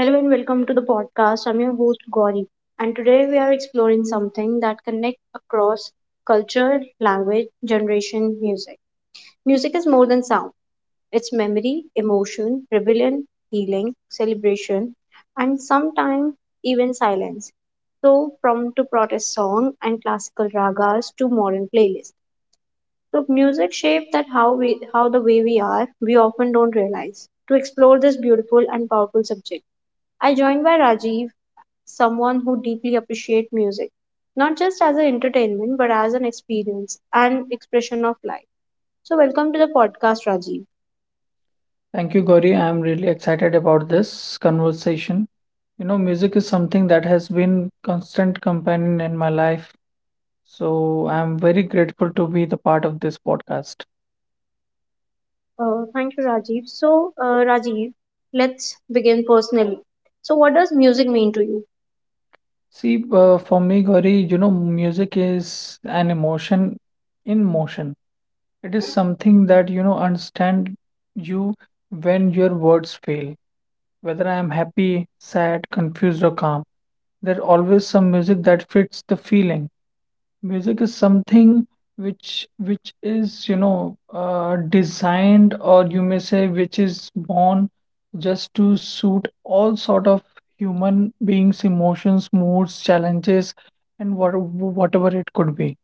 Hello and welcome to the podcast. I'm your host Gauri, and today we are exploring something that connects across culture, language, generation, music. Music is more than sound. It's memory, emotion, rebellion, healing, celebration, and sometimes even silence. So, from to protest song and classical ragas to modern playlists. So, music shapes that how the way we are. We often don't realize. To explore this beautiful and powerful subject. I joined by Rajiv someone who deeply appreciates music, not just as an entertainment, but as an experience and expression of life. So, welcome to the podcast, Rajiv. Thank you, Gauri. I'm really excited about this conversation. You know, music is something that has been constant companion in my life, so I'm very grateful to be the part of this podcast. Thank you, Rajiv. So, Rajiv, let's begin personally. So, what does music mean to you? For me, Gauri, you know, music is an emotion in motion. It is something that, you know, understand you when your words fail, whether I am happy, sad, confused, or calm. There's always some music that fits the feeling. Music is something which is, you know, designed, or you may say which is born just to suit all sort of human beings' emotions, moods, challenges, and whatever it could be.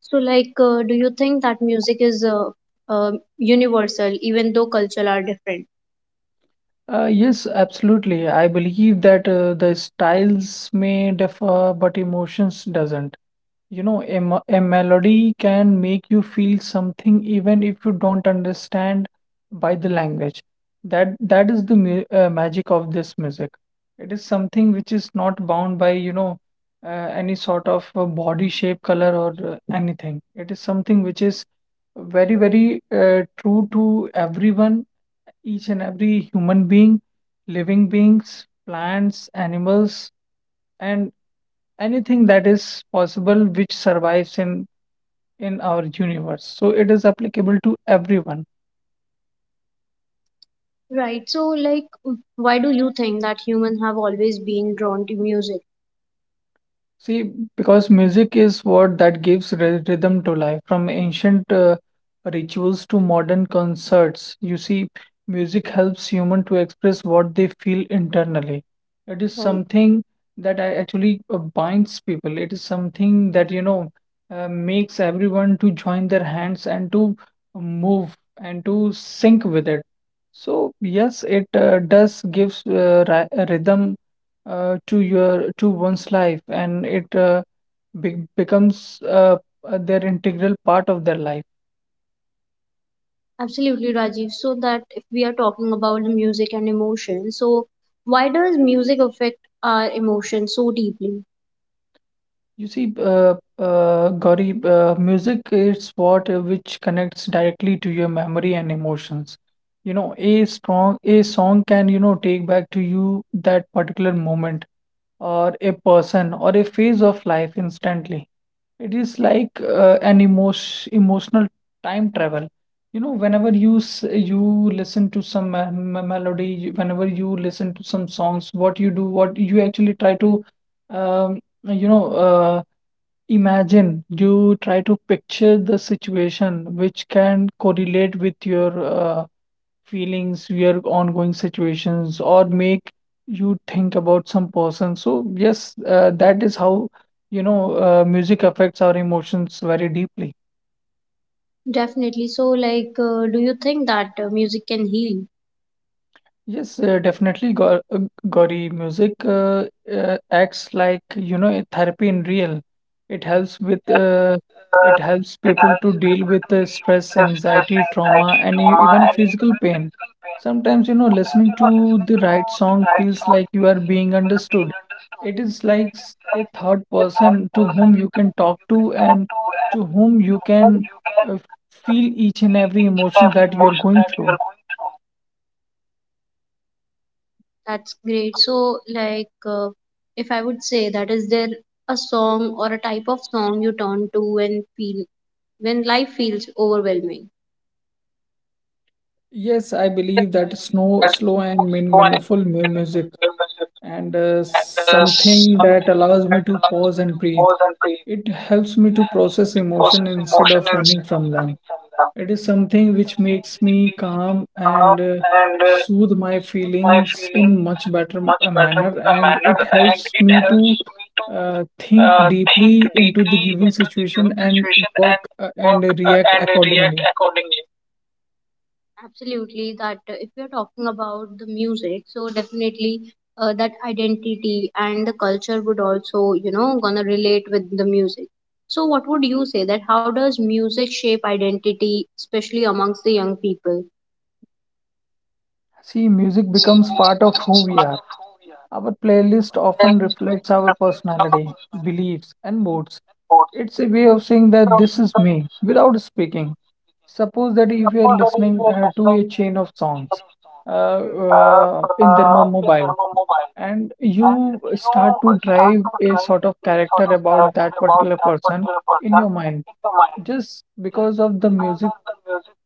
So, like, do you think that music is uh, universal, even though cultures are different? Yes, absolutely. I believe that the styles may differ, but emotions doesn't. You know, a melody can make you feel something even if you don't understand by the language. That is the mu magic of this music. It is something which is not bound by, you know, any sort of body shape, color, or anything. It is something which is very, very true to everyone, each and every human being, living beings, plants, animals, and anything that is possible which survives in our universe, so it is applicable to everyone. Right. So, like, why do you think that humans have always been drawn to music? See, because music is what that gives rhythm to life. From ancient rituals to modern concerts, you see, music helps human to express what they feel internally. It is Right. something that actually binds people. It is something that, you know, makes everyone to join their hands and to move and to sync with it. So yes, it does gives rhythm to your to one's life, and it be becomes their integral part of their life. Absolutely, Rajiv. So that if we are talking about the music and emotion, so why does music affect our emotion so deeply? You see, Gauri, music is what which connects directly to your memory and emotions. You know, a song can, you know, take back to you that particular moment or a person or a phase of life instantly. It is Right. like an emotional time travel. You know, you listen to some melody, whenever you listen to some songs, what you do, what you actually try to, um, you know, uh, imagine. You try to picture the situation which can correlate with your uh, feelings, your ongoing situations, or make you think about some person. So yes, that is how, you know, music affects our emotions very deeply. Definitely. So, like, do you think that music can heal? Yes, definitely, Gauri. Music acts like, you know, a therapy in real. It helps with uh, it helps people to deal with stress, anxiety, trauma, and e even physical pain. Sometimes, you know, listening to the right song feels like you are being understood. It is like a third person to whom you can talk to and to whom you can uh, feel each and every emotion that you are going through. That's great. So, like, if I would say that, is there a song or a type of song you turn to when life feels overwhelming? Yes, I believe that slow and meaningful music, and something that allows me to pause and breathe. It helps me to process emotion instead of running from them. It is something which makes me calm and soothe my feelings in much better manner, and it helps me to think deeply into the given situation and work and react accordingly. Absolutely, that if you're talking about the music, so definitely that identity and the culture would also, you know, gonna relate with the music. So, what would you say that how does music shape identity, especially amongst the young people? See, music becomes part of who we are. Our playlist often reflects our personality, beliefs, and moods. It's a way of saying that this is me without speaking. Suppose that if you are listening to a chain of songs Hmm. In their mobile, and you start to drive a sort of character about that particular person in your mind just because of the music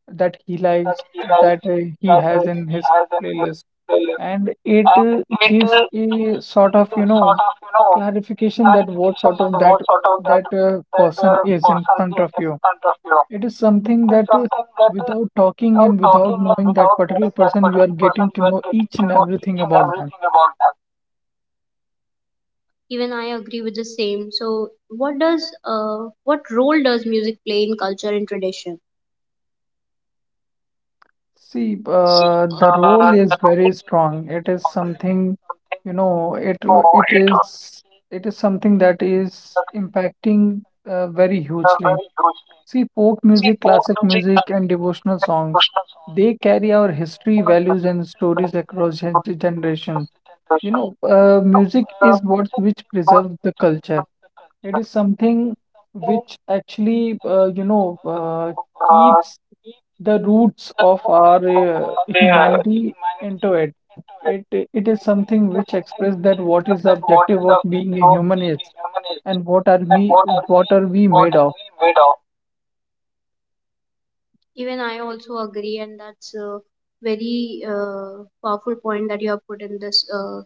that he likes, that he has in his playlist. And it gives a sort of, you know, clarification that what sort of that that person is in front of you. It is something that, without talking and without knowing that particular person, you are getting to know each and everything about them. Even I agree with the same. So, what does what role does music play in culture and tradition? See, the role is very strong. It is something, you know, it is it is something that is impacting very hugely. See, folk music, classic Hmm. music, and devotional songs, they carry our history, values, and stories across generations. You know, music is what which preserves the culture. It is something which actually, keeps the roots of our humanity into it. It is something which expresses that what is the objective of being a human is, and what are we, what are we made of. Even I also agree, and that's a very powerful point that you have put in this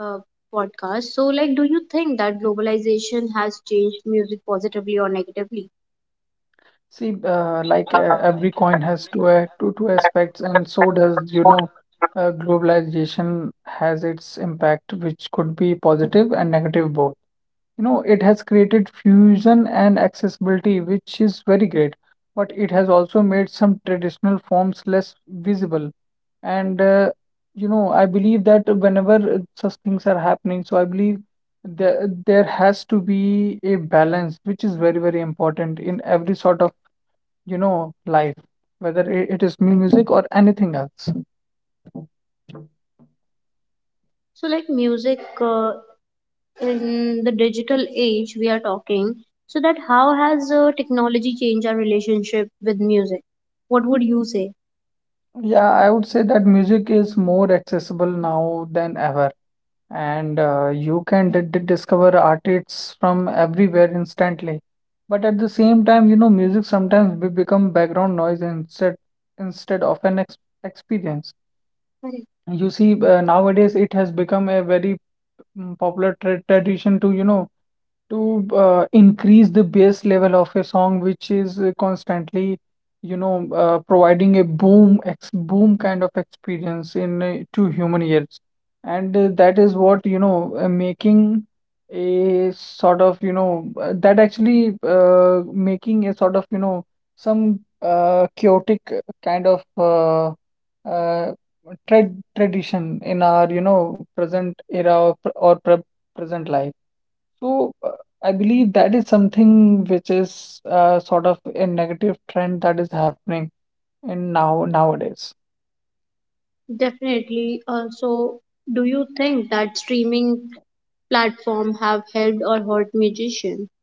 uh, podcast. So, like, do you think that globalization has changed music positively or negatively? See, every coin has two a- two two aspects, and so does, you know, globalization has its impact, which could be positive and negative both. You know, it has created fusion and accessibility, which is very great, but it has also made some traditional forms less visible. And you know, I believe that whenever such things are happening, so I believe there has to be a balance, which is very, very important in every sort of, you know, life, whether it is music or anything else. So, like, music in the digital age we are talking, so that how has technology changed our relationship with music? What would you say? Yeah, I would say that music is more accessible now than ever, and you can discover artists from everywhere instantly. But at the same time, you know, music sometimes be become background noise instead of an ex experience. Correct. You see, nowadays it has become a very popular tradition to, you know, to increase the bass level of a song, which is constantly, you know, providing a boom kind of experience in to human ears, and that is what, you know, making a sort of, you know, that actually making a sort of, you know, some chaotic kind of uh, tradition in our, you know, present era, or present life. So I believe that is something which is sort of a negative trend that is happening in nowadays. Definitely. Also, do you think that streaming platform have helped or hurt musicians?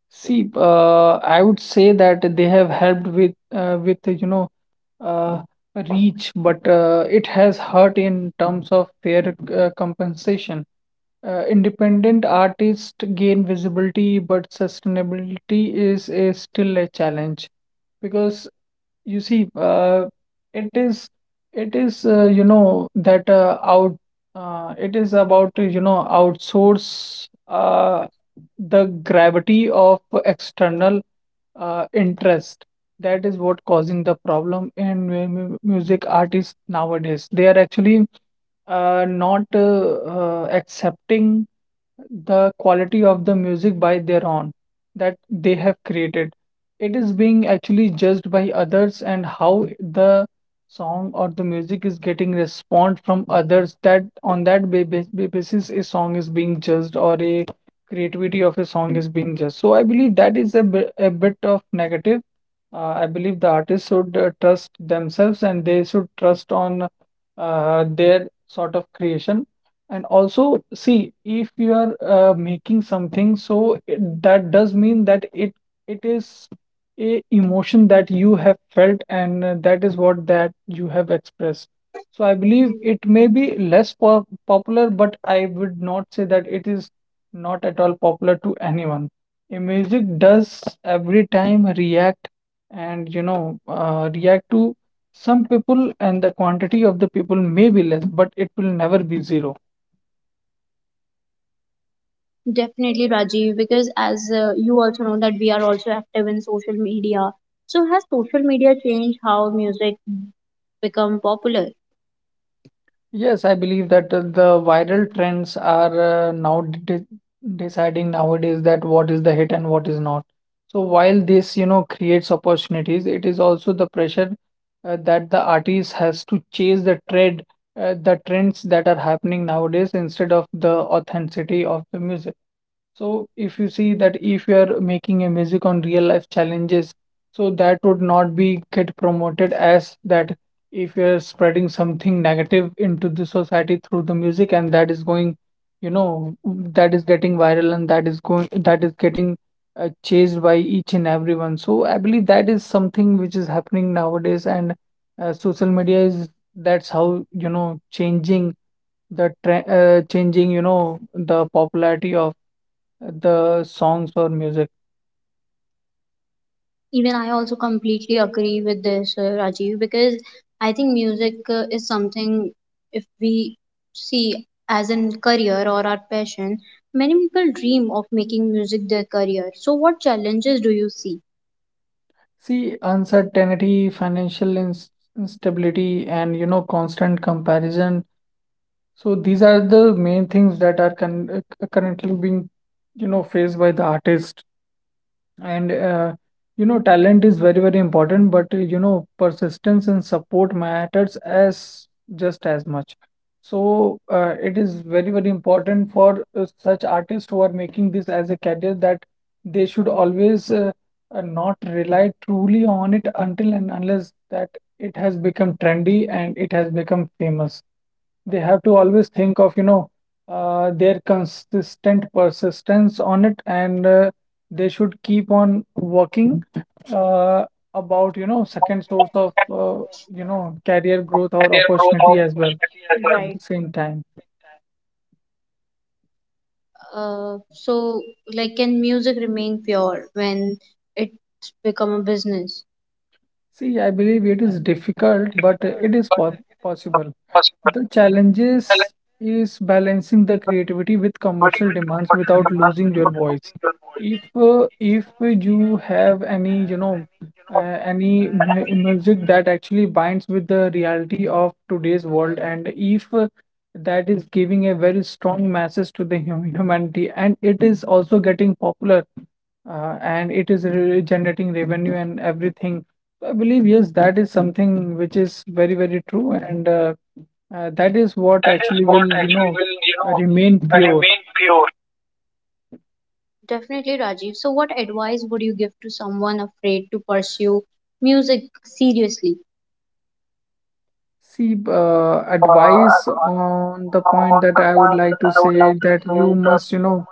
See, I would say that they have helped with you know, uh, reach, but it has hurt in terms of fair compensation. Independent artists gain visibility, but sustainability is still a challenge, because you see, it is it is you know, that out it is about to, you know, outsource the gravity of external interest. That is what causing the problem in music artists nowadays. They are actually not accepting the quality of the music by their own that they have created. It is being actually judged by others, and how the song or the music is getting response from others, that on that basis a song is being judged, or a creativity of a song is being judged. So I believe that is a bit of negative. I believe the artists should trust themselves, and they should trust on their sort of creation. And also, see, if you are making something, so that does mean that it is a emotion that you have felt, and that is what that you have expressed. So I believe it may be less po popular, but I would not say that it is not at all popular to anyone. A music does every time react, and you know, react to some people, and the quantity of the people may be less, but it will never be zero. Definitely, Rajiv, because as you also know that we are also active in social media. So has social media changed how music become popular? Yes, I believe that the viral trends are now deciding nowadays that what is the hit and what is not. So while this, you know, creates opportunities, it is also the pressure that the artist has to chase the trend, the trends that are happening nowadays instead of the authenticity of the music. So if you see that if you are making a music on real life challenges, so that would not be get promoted as that if you are spreading something negative into the society through the music, and that is going, you know, that is getting viral, and that is getting chased by each and everyone. So I believe that is something which is happening nowadays, and social media is that's how, you know, changing the trend, changing, you know, the popularity of the songs or music. Even I also completely agree with this, Rajiv, because I think music is something if we see as in career or our passion, many people dream of making music their career. So what challenges do you see? See, uncertainty, financial instability, and you know, constant comparison. So these are the main things that are currently being, you know, faced by the artist. And you know, talent is very, very important, but you know, persistence and support matters as just as much. So it is very, very important for such artists who are making this as a career that they should always not rely truly on it until and unless that it has become trendy and it has become famous. They have to always think of their consistent persistence on it, and they should keep on working uh, about second source of career growth or opportunity as well at Right. the same time. So, like, can music remain pure when it's become a business? See, I believe it is difficult, but it is possible. The challenges is balancing the creativity with commercial demands without losing your voice. If you have any, any music that actually binds with the reality of today's world, and if that is giving a very strong message to the humanity, and it is also getting popular, and it is generating revenue and everything. So I believe yes, that is something which is very, very true and. That is what actually will, remain pure. Definitely, Rajiv. So, what advice would you give to someone afraid to pursue music seriously? See, advice on the point that I would like to say that you must, you know,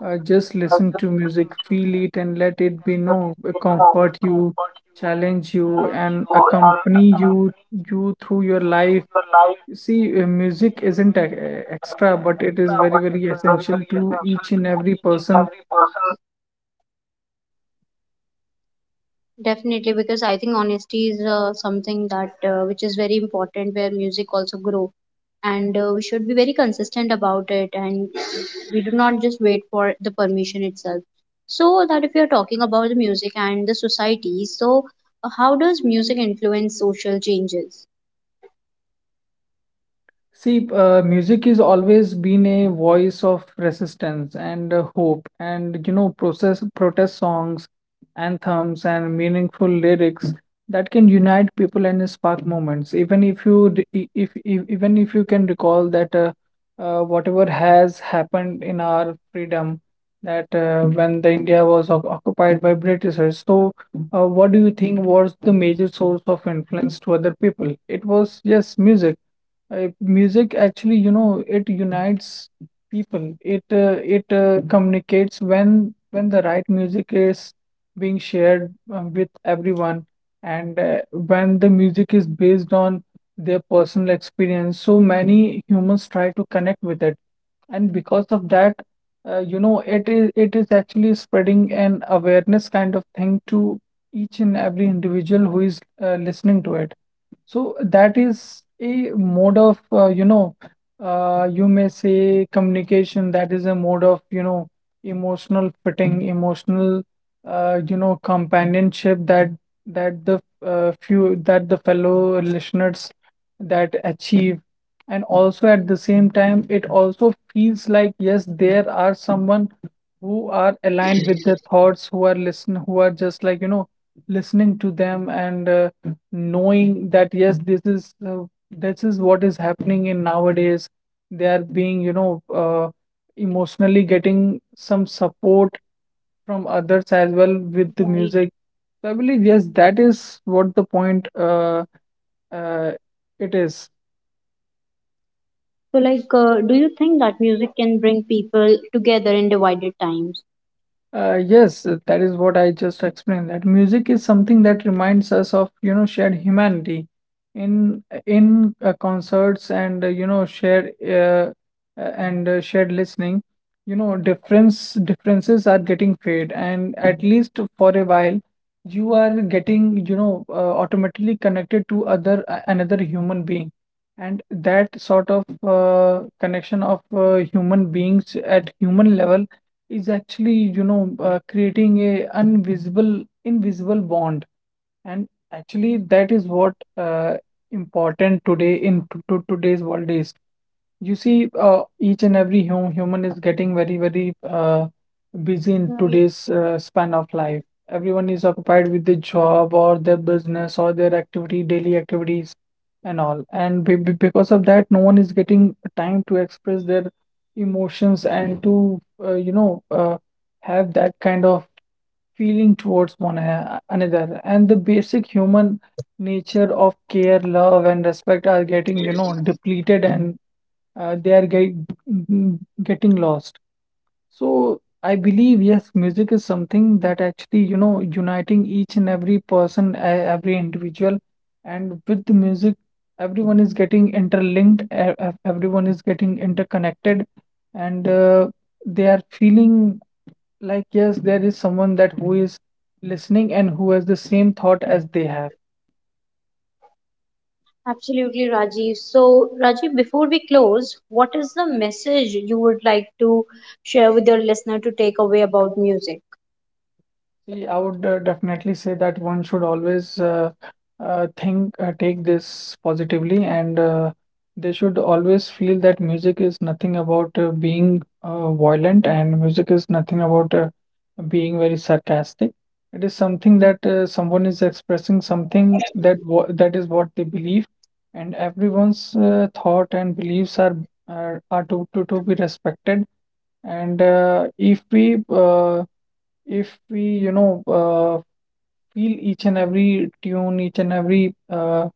uh, just listen to music, feel it, and let it be, comfort you, challenge you, and accompany you through your life. See, music isn't extra, but it is very, very essential to each and every person. Definitely, because I think honesty is something that which is very important where music also grow and we should be very consistent about it and we do not just wait for the permission itself. So that if you're talking about the music and the society, so how does music influence social changes? See, music is always been a voice of resistance and hope, and process protest songs, anthems, and meaningful lyrics that can unite people and spark moments. Even if you, d- e- if even if you can recall that whatever has happened in our freedom, that when the India was occupied by Britishers, so what do you think was the major source of influence to other people? It was yes, music. Music actually, it unites people. It communicates when the right music is being shared with everyone, and when the music is based on their personal experience. So many humans try to connect with it, and because of that, it is actually spreading an awareness kind of thing to each and every individual who is listening to it. So that is a mode of, you may say communication. That is a mode of, emotional fitting, emotional, companionship that the fellow listeners that achieve. And also at the same time, it also feels like yes, there are someone who are aligned with their thoughts, who are listen, who are just like, listening to them, and knowing that yes, this is what is happening in nowadays. They are being emotionally getting some support from others as well with the Right. music. So I believe yes, that is what the point uh, it is. So like, do you think that music can bring people together in divided times? Yes, that is what I just explained. That music is something that reminds us of, shared humanity in concerts and shared listening. You know, differences are getting fade, and at least for a while, you are getting, automatically connected to other another human being, and that sort of connection of human beings at human level is actually, creating a invisible bond. And actually, that is what important today in to today's world is. You see, each and every human is getting very, very busy in Right. today's span of life. Everyone is occupied with their job or their business or their activity, daily activities, and all. And because of that, no one is getting time to express their emotions and to, have that kind of feeling towards one another, and the basic human nature of care, love, and respect are getting depleted, and uh, they are get, getting lost. So I believe yes, music is something that actually, uniting each and every person, every individual, and with the music everyone is getting interlinked, everyone is getting interconnected, and they are feeling like yes, there is someone that who is listening and who has the same thought as they have. Absolutely, Rajiv. So, Rajiv, before we close, what is the message you would like to share with your listener to take away about music? See, I would definitely say that one should always think, take this positively, and they should always feel that music is nothing about being violent, and music is nothing about being very sarcastic. It is something that someone is expressing something that is what they believe, and everyone's thought and beliefs are to be respected. And if we, feel each and every tune, each and every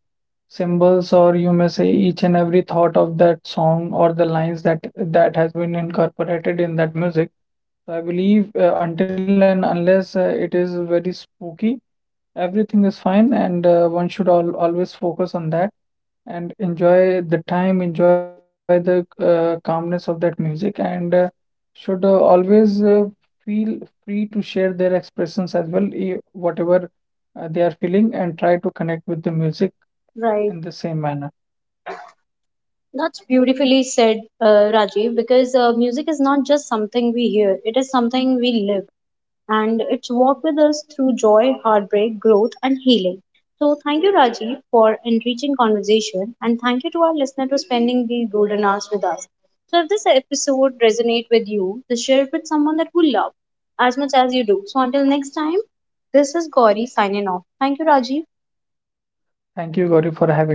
symbols, or you may say each and every thought of that song or the lines that has been incorporated in that music. So I believe until and unless it is very spooky, everything is fine, and one should al always focus on that and enjoy the time, enjoy the calmness of that music, and should always feel free to share their expressions as well, whatever they are feeling, and try to connect with the music in the Right. same manner. That's beautifully said, Rajiv, because music is not just something we hear, it is something we live. And it's walked with us through joy, heartbreak, growth, and healing. So, thank you, Rajiv, for enriching conversation, and thank you to our listener for spending these golden hours with us. So, if this episode resonates with you, just share it with someone that you love as much as you do. So, until next time, this is Gauri signing off. Thank you, Rajiv. Thank you, Gauri, for having me.